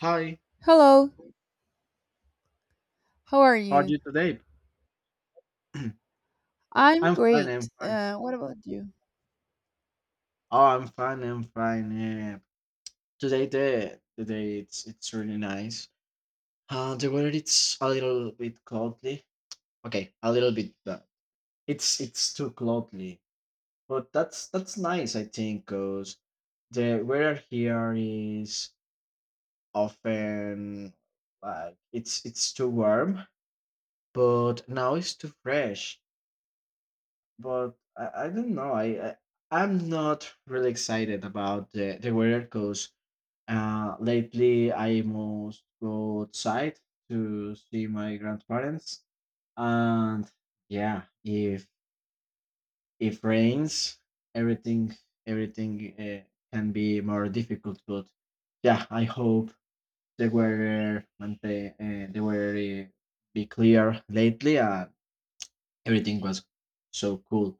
Hi, Hello, how are how are you? you today? I'm I'm fine, I'm great. fine. What about you? Oh, I'm fine, I'm fine. Yeah. Today the day it's really nice. The weather it's a little bit cloudy. Okay, a little bit, but it's too cloudy. But that's nice, I think, because the weather here is often, like, it's too warm, but now it's too fresh. But I don't know. I'm not really excited about the weather because lately I must go outside to see my grandparents, and yeah, if rains, everything everything can be more difficult. But yeah, I hope the weather maintain, the weather be clear lately, and everything was so cool.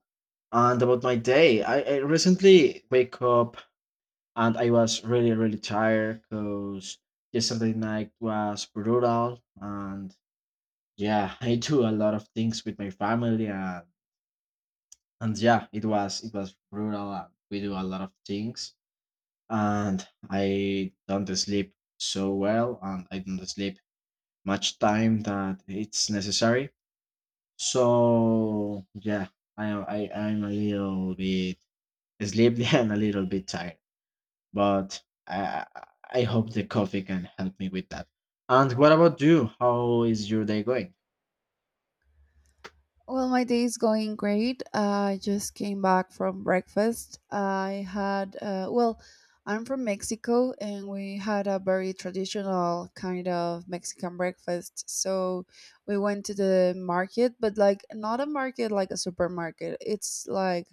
And about my day, I recently wake up and I was really, really tired because yesterday night was brutal. And yeah, I do a lot of things with my family, and yeah, it was brutal, and we do a lot of things, and I don't sleep so well, and I don't sleep much time that it's necessary. So yeah, I'm a little bit sleepy and a little bit tired. But I hope the coffee can help me with that. And what about you? How is your day going? Well, my day is going great. I just came back from breakfast. Well, I'm from Mexico and we had a very traditional kind of Mexican breakfast. So we went to the market, but like not a market like a supermarket. It's like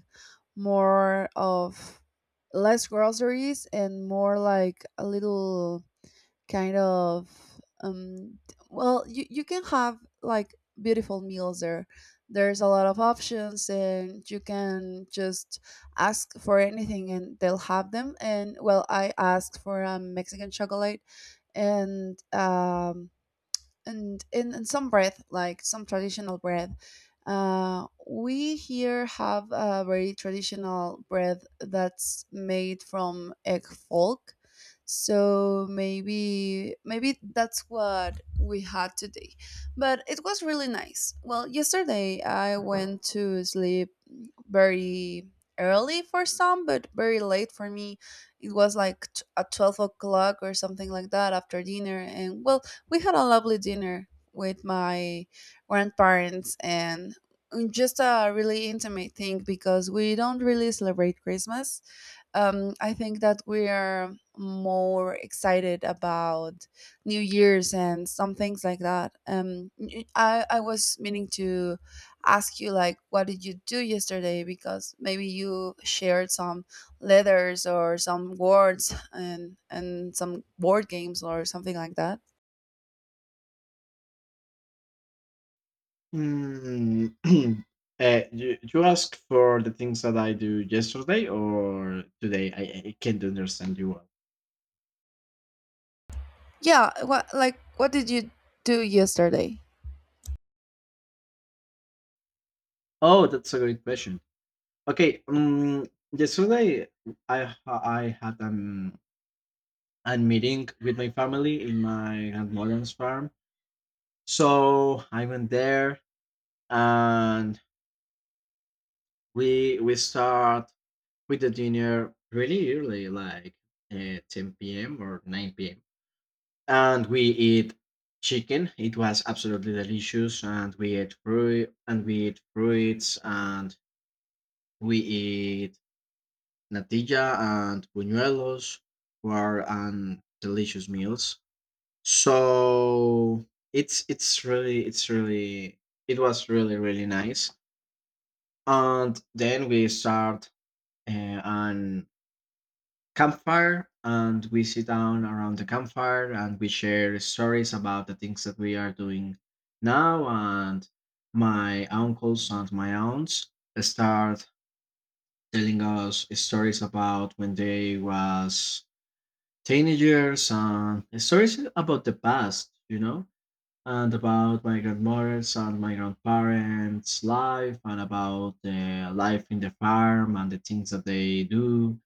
more of less groceries and more like a little kind of um well you can have like beautiful meals there. There's a lot of options and you can just ask for anything and they'll have them. And well, I asked for a Mexican chocolate and um and in some breath, like some traditional breath, we here have a very traditional bread that's made from egg folk. So maybe that's what we had today. But it was really nice. Well, yesterday I went to sleep very early for some, but very late for me. It was like at 12 o'clock or something like that after dinner. And well, we had a lovely dinner with my grandparents and just a really intimate thing because we don't really celebrate Christmas. I think that we're more excited about New Year's and some things like that. I was meaning to ask you, like, what did you do yesterday? Because maybe you shared some letters or some words and some board games or something like that. Hmm. You ask for the things that I do yesterday or today? I can't understand you well. Yeah, what, like, what did you do yesterday? Oh, that's a great question. Okay. Yesterday I had a meeting with my family in my grandmother's farm. So I went there, and we start with the dinner really early, like, 10 p.m. or 9 p.m. And we eat chicken. It was absolutely delicious. And we ate fruit, and we eat fruits, and we eat natilla and buñuelos, were delicious meals. So it's it's really it's really it was really really nice. And then we start an campfire, and we sit down around the campfire, and we share stories about the things that we are doing now, and my uncles and my aunts start telling us stories about when they was teenagers, and stories about the past, and about my grandmothers and my grandparents life, and about the life in the farm and the things that they do.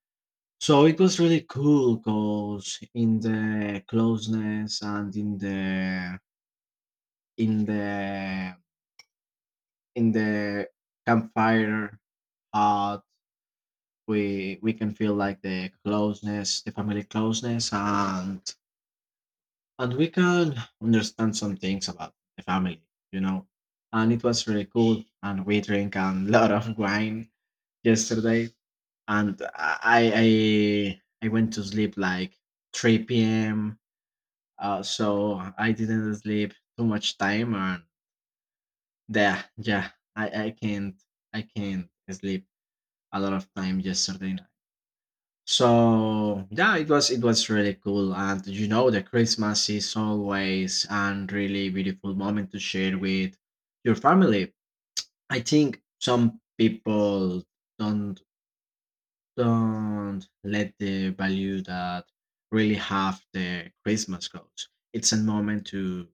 So it was really cool because in the closeness and in the in the campfire hut, we can feel like the closeness, the family closeness, and we can understand some things about the family. And it was really cool, and we drink a lot of wine yesterday, and I went to sleep like 3 p.m. So I didn't sleep too much time, and yeah, yeah, I, I can't I can't sleep a lot of time yesterday night. So yeah, it was really cool, and you know the Christmas is always and really beautiful moment to share with your family. I think some people don't don't let the value that really have the Christmas goes. It's a moment to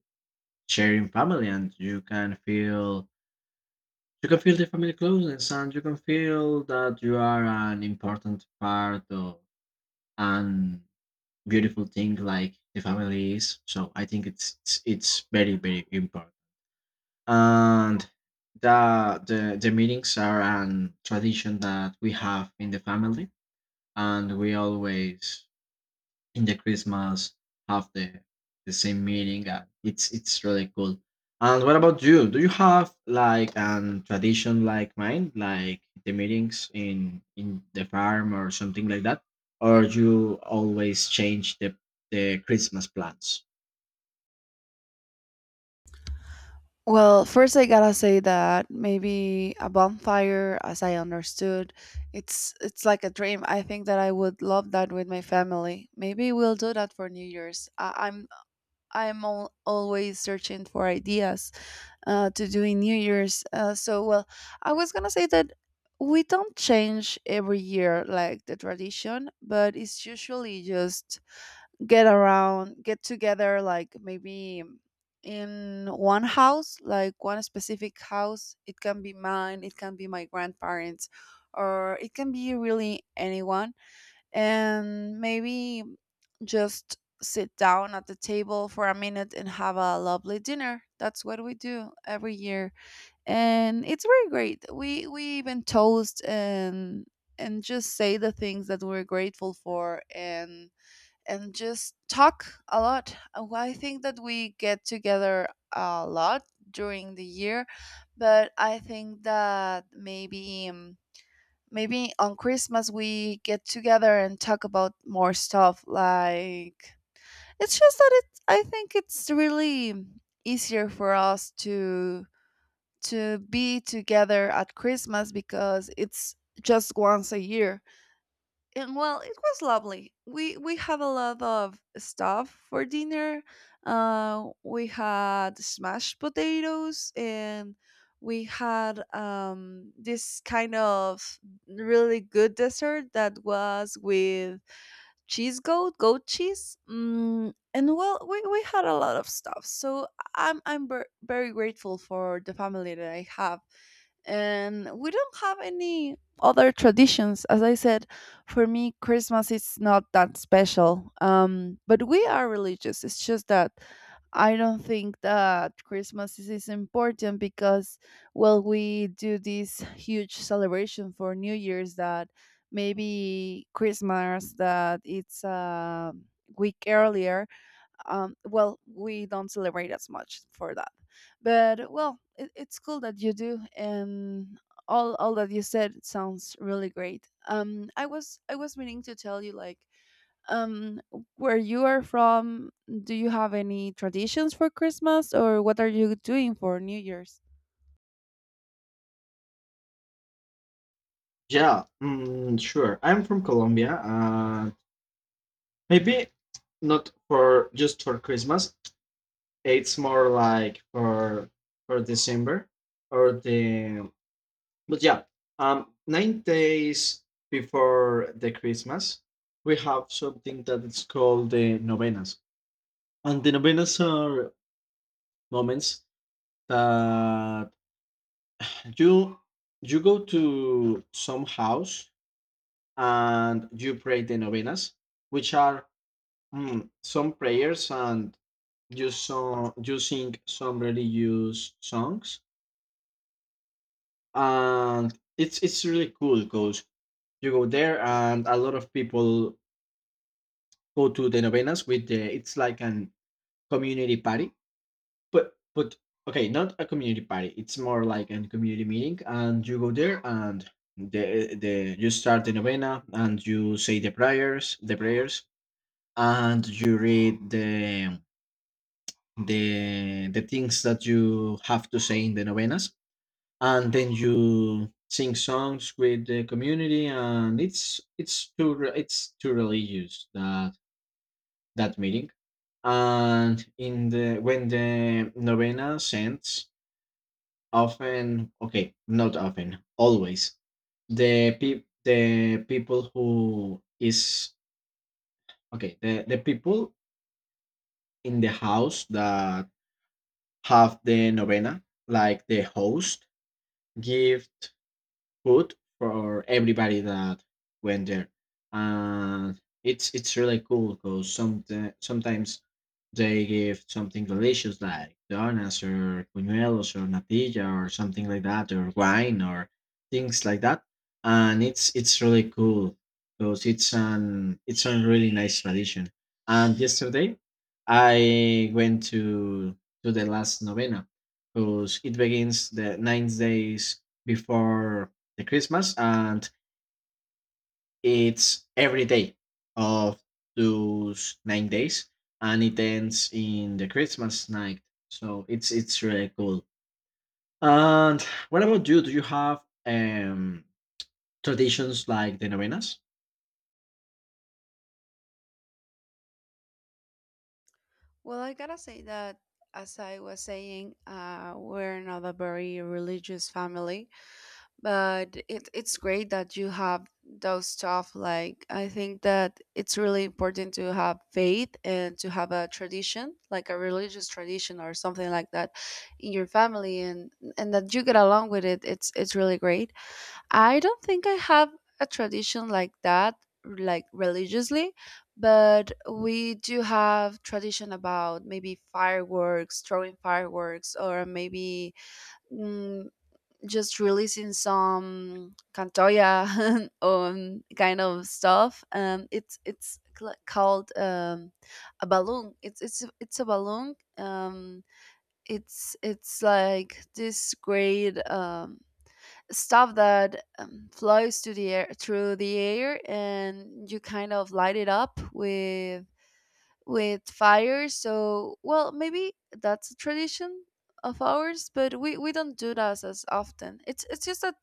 sharing family, and you can feel the family closeness, and you can feel that you are an important part of an beautiful thing like the family is. So I think it's very very important, and the meetings are an tradition that we have in the family, and we always in the Christmas have the same meeting. It's really cool. And what about you? Do you have, like, an tradition like mine, like the meetings in the farm or something like that, or you always change the Christmas plans? Well, first I gotta say that maybe a bonfire, as I understood, it's like a dream. I think that I would love that with my family. Maybe we'll do that for New Year's. I, I'm al always searching for ideas to do in New Year's. So, well, I was gonna say that we don't change every year like the tradition, but it's usually just get around, get together, like maybe in one house, like one specific house. It can be mine, it can be my grandparents, or it can be really anyone. And maybe just sit down at the table for a minute and have a lovely dinner. That's what we do every year. And it's very great. We even toast and just say the things that we're grateful for and just talk a lot. Well, I think that we get together a lot during the year, but I think that maybe on Christmas we get together and talk about more stuff. Like it's just that it. I think it's really easier for us to be together at Christmas because it's just once a year. And well, it was lovely. We had a lot of stuff for dinner. We had smashed potatoes, and we had this kind of really good dessert that was with goat cheese. And well, we had a lot of stuff. So I'm very grateful for the family that I have. And we don't have any other traditions. As I said, for me Christmas is not that special. But we are religious. It's just that I don't think that Christmas is important because well, we do this huge celebration for New Year's that maybe Christmas, that it's a week earlier. Well, we don't celebrate as much for that. But well, it's cool that you do. And all that you said sounds really great. I was meaning to tell you, like, um where you are from. Do you have any traditions for Christmas, or what are you doing for New Year's? Yeah, sure. I'm from Colombia. Maybe not for just for Christmas. It's more like for December or the. But yeah, 9 days before the Christmas, we have something that is called the novenas, and the novenas are moments that you you go to some house and you pray the novenas, which are, some prayers, and you sing some religious songs, and it's really cool because you go there and a lot of people go to the novenas with the. It's like an community party, but okay, not a community party, it's more like a community meeting, and you go there, and the you start the novena, and you say the prayers, and you read the things that you have to say in the novenas, and then you sing songs with the community, and it's too religious, that meeting. And in the when the novena sends, often, okay, not often, always the people who is, okay, the people in the house that have the novena, like the host, give food for everybody that went there. And it's really cool because sometimes they give something delicious like donuts or buñuelos or natilla or something like that, or wine or things like that. And it's really cool because it's a really nice tradition, and yesterday I went to the last novena because it begins the 9 days before the Christmas, and it's every day of those 9 days, and it ends in the Christmas night. So it's really cool. And what about you? Do you have traditions like the novenas? Well, I gotta say that, as I was saying, we're not a very religious family. But it's great that you have those stuff. Like, I think that it's really important to have faith and to have a tradition, like a religious tradition or something like that, in your family, and that you get along with it. It's really great. I don't think I have a tradition like that, like religiously. But we do have tradition about maybe fireworks throwing fireworks or maybe mm, just releasing some cantoya, kind of stuff. It's called a balloon. It's a balloon. It's like this great stuff that flies to the air through the air, and you kind of light it up with fire. So, well, maybe that's a tradition of ours, but we don't do that as often. It's just that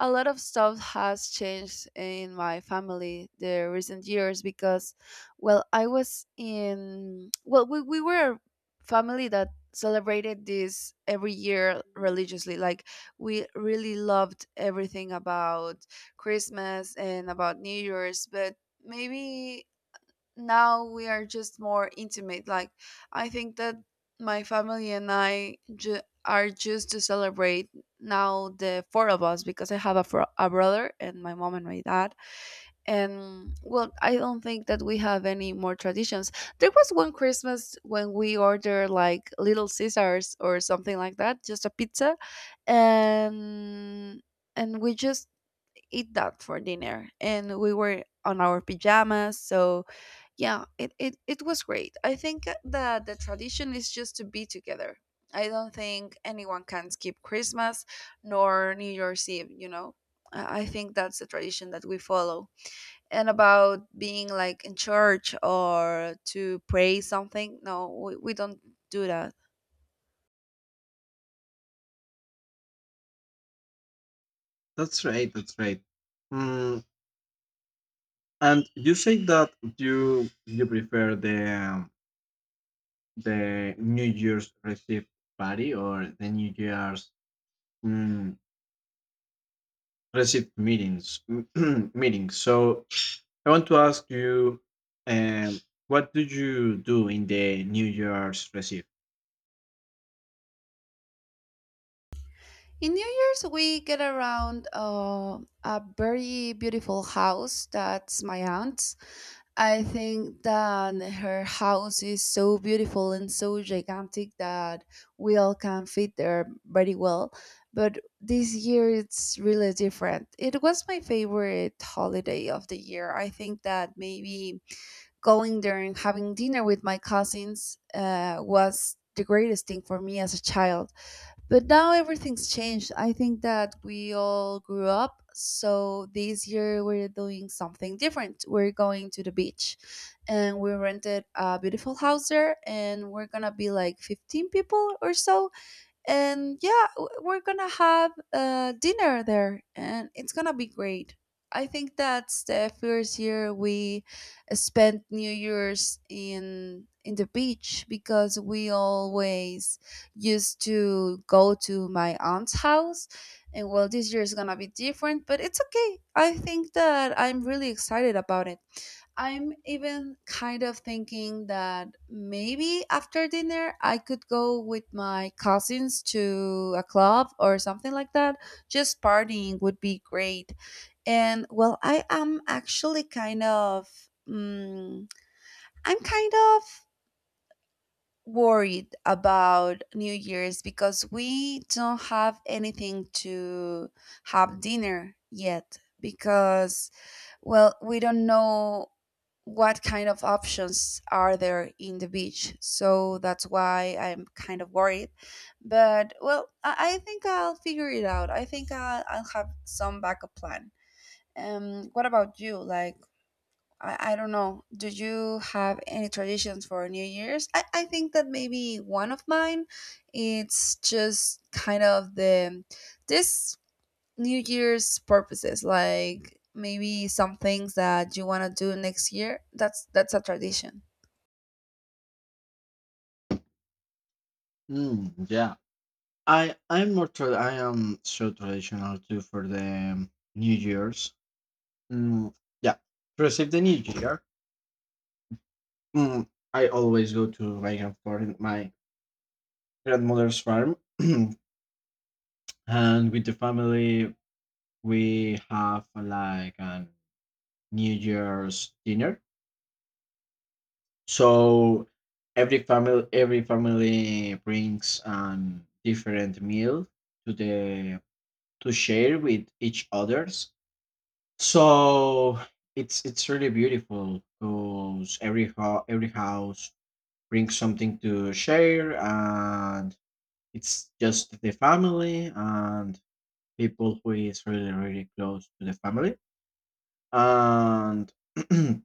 a lot of stuff has changed in my family the recent years because well, I was in well we were a family that celebrated this every year religiously. Like, we really loved everything about Christmas and about New Year's. But maybe now we are just more intimate. Like, I think that my family and I are just to celebrate now the four of us because I have a brother and my mom and my dad. And well, I don't think that we have any more traditions. There was one Christmas when we ordered like Little Caesars or something like that, just a pizza, and we just eat that for dinner. And we were on our pajamas. So yeah, it was great. I think that the tradition is just to be together. I don't think anyone can skip Christmas nor New Year's Eve, you know. I think that's the tradition that we follow. And about being like in church or to pray something, no, we don't do that. That's right. That's right. Mm, and you say that you prefer the, the New Year's Eve party, or the New Year's received meetings meetings. So I want to ask you, um, what do you do in the New Year's receive? In New Year's we get around a very beautiful house that's my aunt's. I think that her house is so beautiful and so gigantic that we all can fit there very well. But this year it's really different. It was my favorite holiday of the year. I think that maybe going there and having dinner with my cousins was the greatest thing for me as a child. But now everything's changed. I think that we all grew up. So this year we're doing something different. We're going to the beach and we rented a beautiful house there and we're going to be like 15 people or so. And yeah, we're gonna have dinner there and it's gonna be great. I think that's the first year we spent New Year's in the beach because we always used to go to my aunt's house. And well, this year is gonna be different but it's okay. I think that I'm really excited about it. I'm even kind of thinking that maybe after dinner I could go with my cousins to a club or something like that. Just partying would be great. And well, I am actually kind of, I'm kind of worried about New Year's because we don't have anything to have dinner yet because well, we don't know what kind of options are there in the beach, so that's why I'm kind of worried. But well, I think I'll figure it out. I think I'll have some backup plan. What about you? Like, I don't know. Do you have any traditions for New Year's? I think that maybe one of mine, it's just kind of the this New Year's purposes, like maybe some things that you want to do next year. That's a tradition. Yeah, I am so traditional too for the New Year's. Mm, yeah, to receive the New Year, mm, I always go to my grandfather, my grandmother's farm, and with the family we have, like a New Year's dinner. So every family brings different meal to the to share with each others. So it's really beautiful because every house brings something to share, and it's just the family and people who is really really close to the family, and and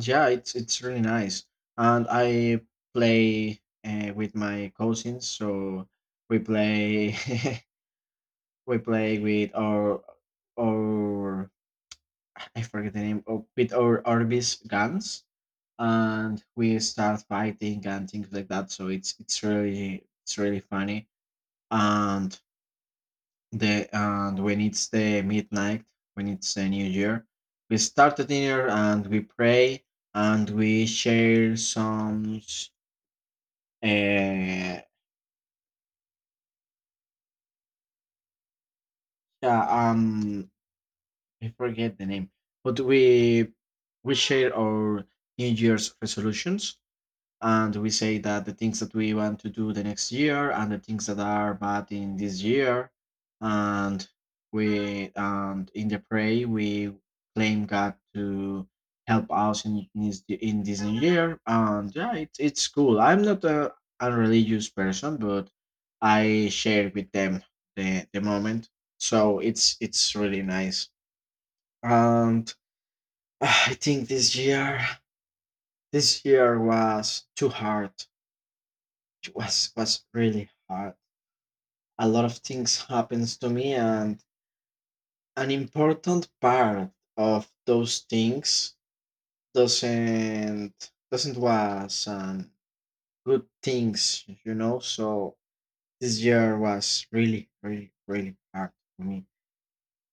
yeah, it's really nice. And I play with my cousins, so we play we play with our I forget the name of, with our Orbis guns, and we start fighting and things like that. So it's really funny. And and when it's the midnight, when it's the new year, we start the dinner, and we pray, and we share some. Uh, yeah, I forget the name, but we share our New Year's resolutions, and we say that the things that we want to do the next year and the things that are bad in this year. And we and in the pray we claim god to help us in this new year. And yeah, it's cool. I'm not a religious person, but I share with them the moment. So it's really nice. And I think this year was too hard. It was really hard. A lot of things happens to me, and an important part of those things doesn't was, good things. So this year was really, really, really hard for me.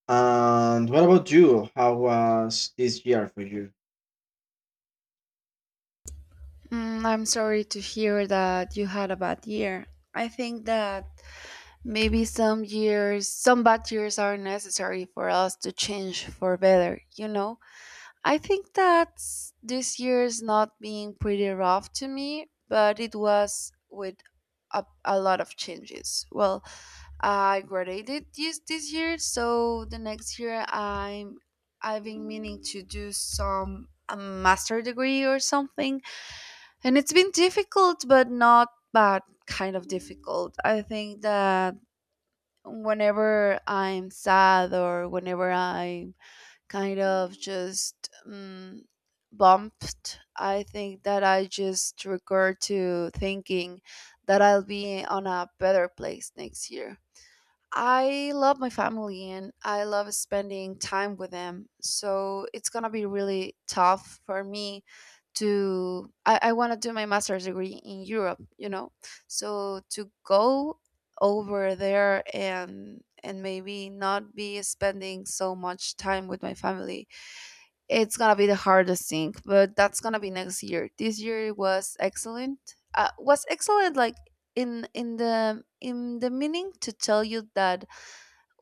And what about you? How was this year for you? I'm sorry to hear that you had a bad year. I think that maybe some years, some bad years are necessary for us to change for better, you know? I think that this year is not being pretty rough to me, but it was with a lot of changes. Well, I graduated this year, so the next year I've been meaning to do some a master degree or something, and it's been difficult, but not bad kind of difficult. I think that whenever I'm sad or whenever I'm kind of just bumped, I think that I just recur to thinking that I'll be on a better place next year. I love my family and I love spending time with them. So it's gonna be really tough for me I wanna do my master's degree in Europe, you know. So to go over there and maybe not be spending so much time with my family, it's gonna be the hardest thing. But that's gonna be next year. This year was excellent. Was excellent like in the meaning to tell you that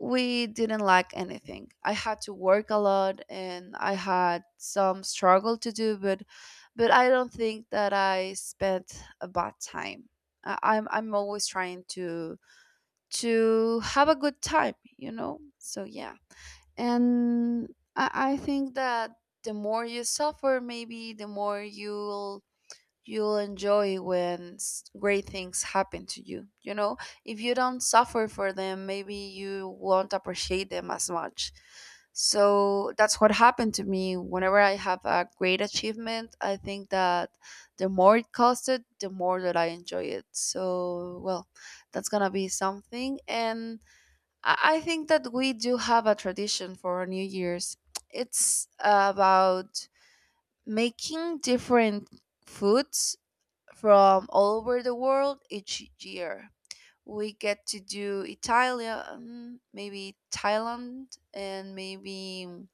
we didn't lack anything. I had to work a lot and I had some struggle to do, but I don't think that I spent a bad time. I'm always trying to have a good time, you know. So yeah, and I think that the more you suffer, maybe the more you'll enjoy when great things happen to you. You know, if you don't suffer for them, maybe you won't appreciate them as much. So that's what happened to me. Whenever I have a great achievement, I think that the more it costed, the more that I enjoy it. So, well, that's gonna be something. And I think that we do have a tradition for our New Year's. It's about making different foods from all over the world each year. We get to do Italia, maybe Thailand, and maybe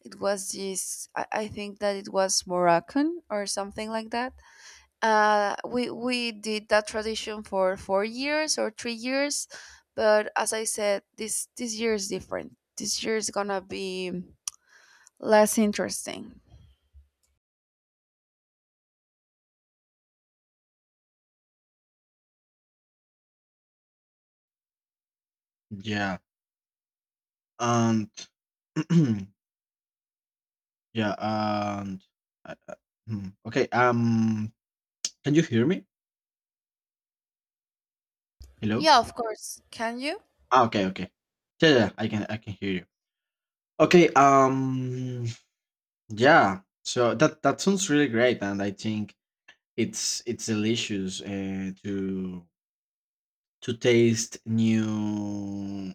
it was this. I think that it was Moroccan or something like that. We did that tradition for 4 years or 3 years, but as I said, this year is different. This year is gonna be less interesting. Yeah, and yeah, and uh, uh, hmm, okay. Can you hear me? Hello. Yeah, of course. Can you? Ah, okay, okay. Yeah, yeah, yeah, I can hear you. Okay, yeah. So that sounds really great, and I think it's delicious, to taste new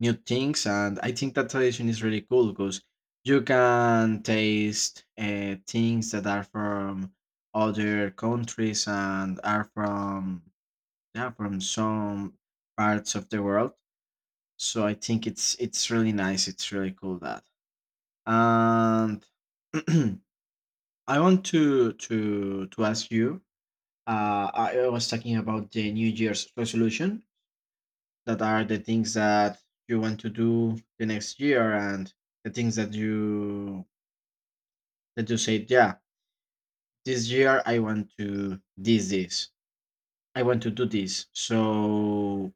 new things, and I think that tradition is really cool because you can taste, things that are from other countries and are from, yeah, from some parts of the world. So I think it's really nice. It's really cool, that. And I want to ask you. I was talking about the New Year's resolution. That are the things that you want to do the next year, and the things that you say, yeah, this year I want to this. I want to do this. So,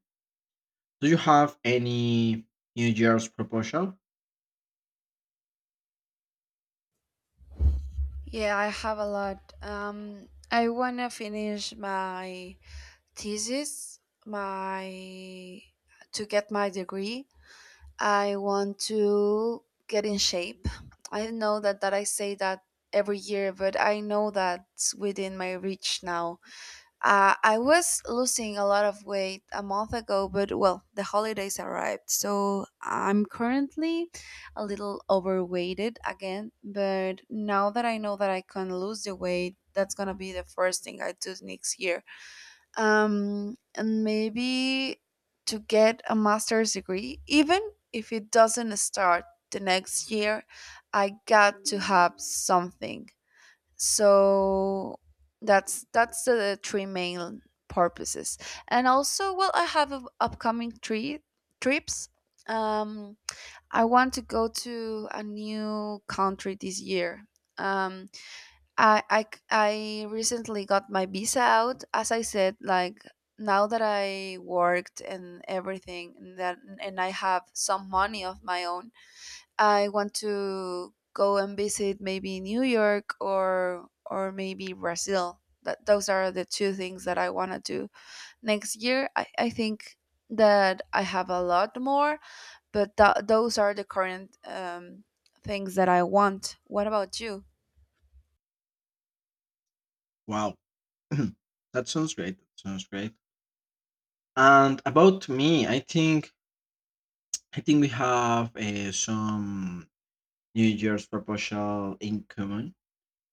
do you have any New Year's proposal? Yeah, I have a lot. I wanna finish my thesis, my to get my degree. I want to get in shape. I know that I say that every year, but I know that's within my reach now. I was losing a lot of weight a month ago, but well, the holidays arrived. So I'm currently a little overweighted again. But now that I know that I can lose the weight, that's going to be the first thing I do next year. And maybe to get a master's degree, even if it doesn't start the next year, I got to have something, so that's the three main purposes. And also, well, I have a upcoming three trips. um I want to go to a new country this year. um I recently got my visa out as I said, like now that I worked and everything and that, and I have some money of my own. I want to go and visit maybe New York or maybe Brazil. That Those are the two things that I want to do next year. I think that I have a lot more, but those are the current things that I want. What about you? Wow, that sounds great. That sounds great. And about me, I think we have, some New Year's proposal in common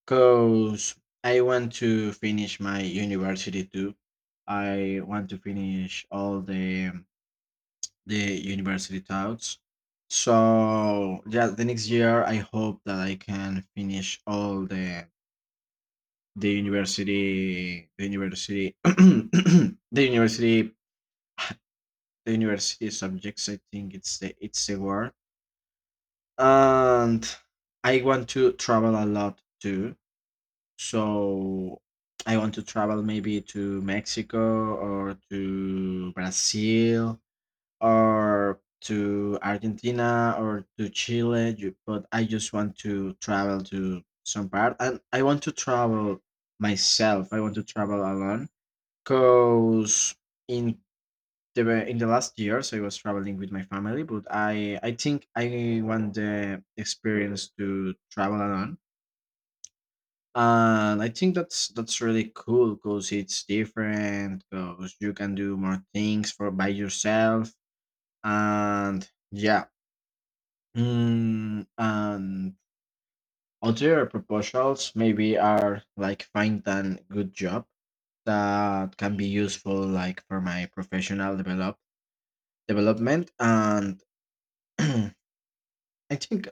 because I want to finish my university too. I want to finish all the university tasks. So yeah, the next year I hope that I can finish all the university university the university subjects. I think it's the word. And I want to travel a lot too. So I want to travel maybe to Mexico or to Brazil or to Argentina or to Chile. But I just want to travel to some part, and I want to travel myself. I want to travel alone because in in the last years I was traveling with my family, but I think I want the experience to travel alone, and I think that's really cool because it's different because you can do more things for by yourself, and yeah, and other proposals maybe are like find a good job that can be useful like for my professional development. And I think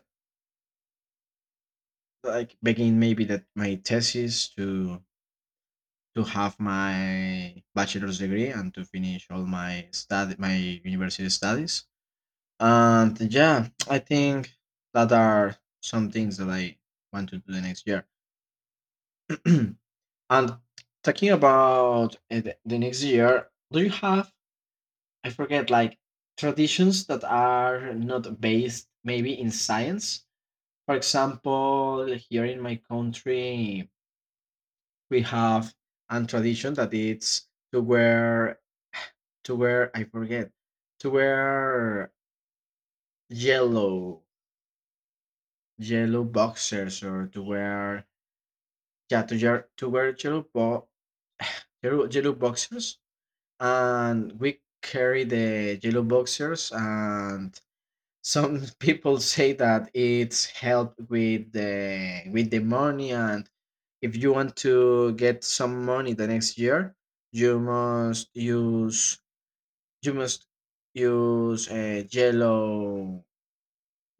like begin maybe that my thesis to have my bachelor's degree and to finish all my university studies. And yeah, I think that are some things that I want to do the next year. And talking about, the next year, do you have, I forget, like, traditions that are not based maybe in science? For example, here in my country we have a tradition that it's to wear, I forget, to wear yellow boxers, or to wear, yeah, to wear yellow, yellow boxers, and we carry the yellow boxers, and some people say that it's help with the money. And if you want to get some money the next year, you must you must use yellow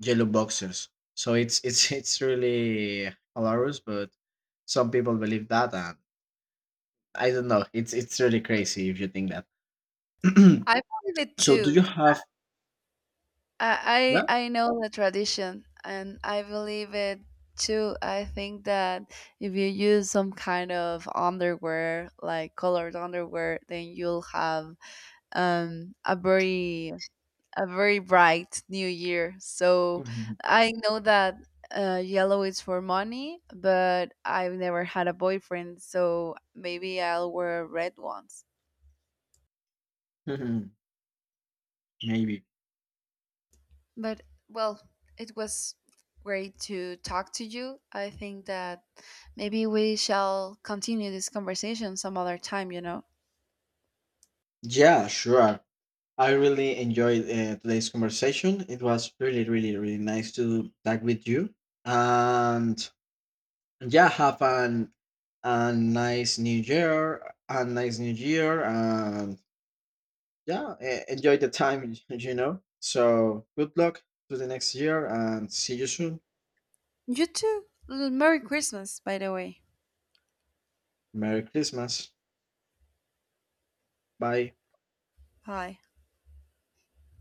boxers. So it's it's really hilarious, but some people believe that, and I don't know. It's really crazy if you think that. I believe it So do you too. have? I Yeah? I I know the tradition and I believe it too. I think that if you use some kind of underwear, like colored underwear, then you'll have a very bright new year. So Mhm. I know that yellow is for money, but I've never had a boyfriend, so maybe I'll wear red ones. Mhm. Maybe, But well, it was great to talk to you. I think that maybe we shall continue this conversation some other time, you know. yeah, sure. I really enjoyed, today's conversation. It was really really really nice to talk with you, and yeah, have an a nice new year, and yeah, enjoy the time so good luck to the next year, and see you soon. You too. Merry Christmas, by the way. Merry Christmas. Bye. Bye.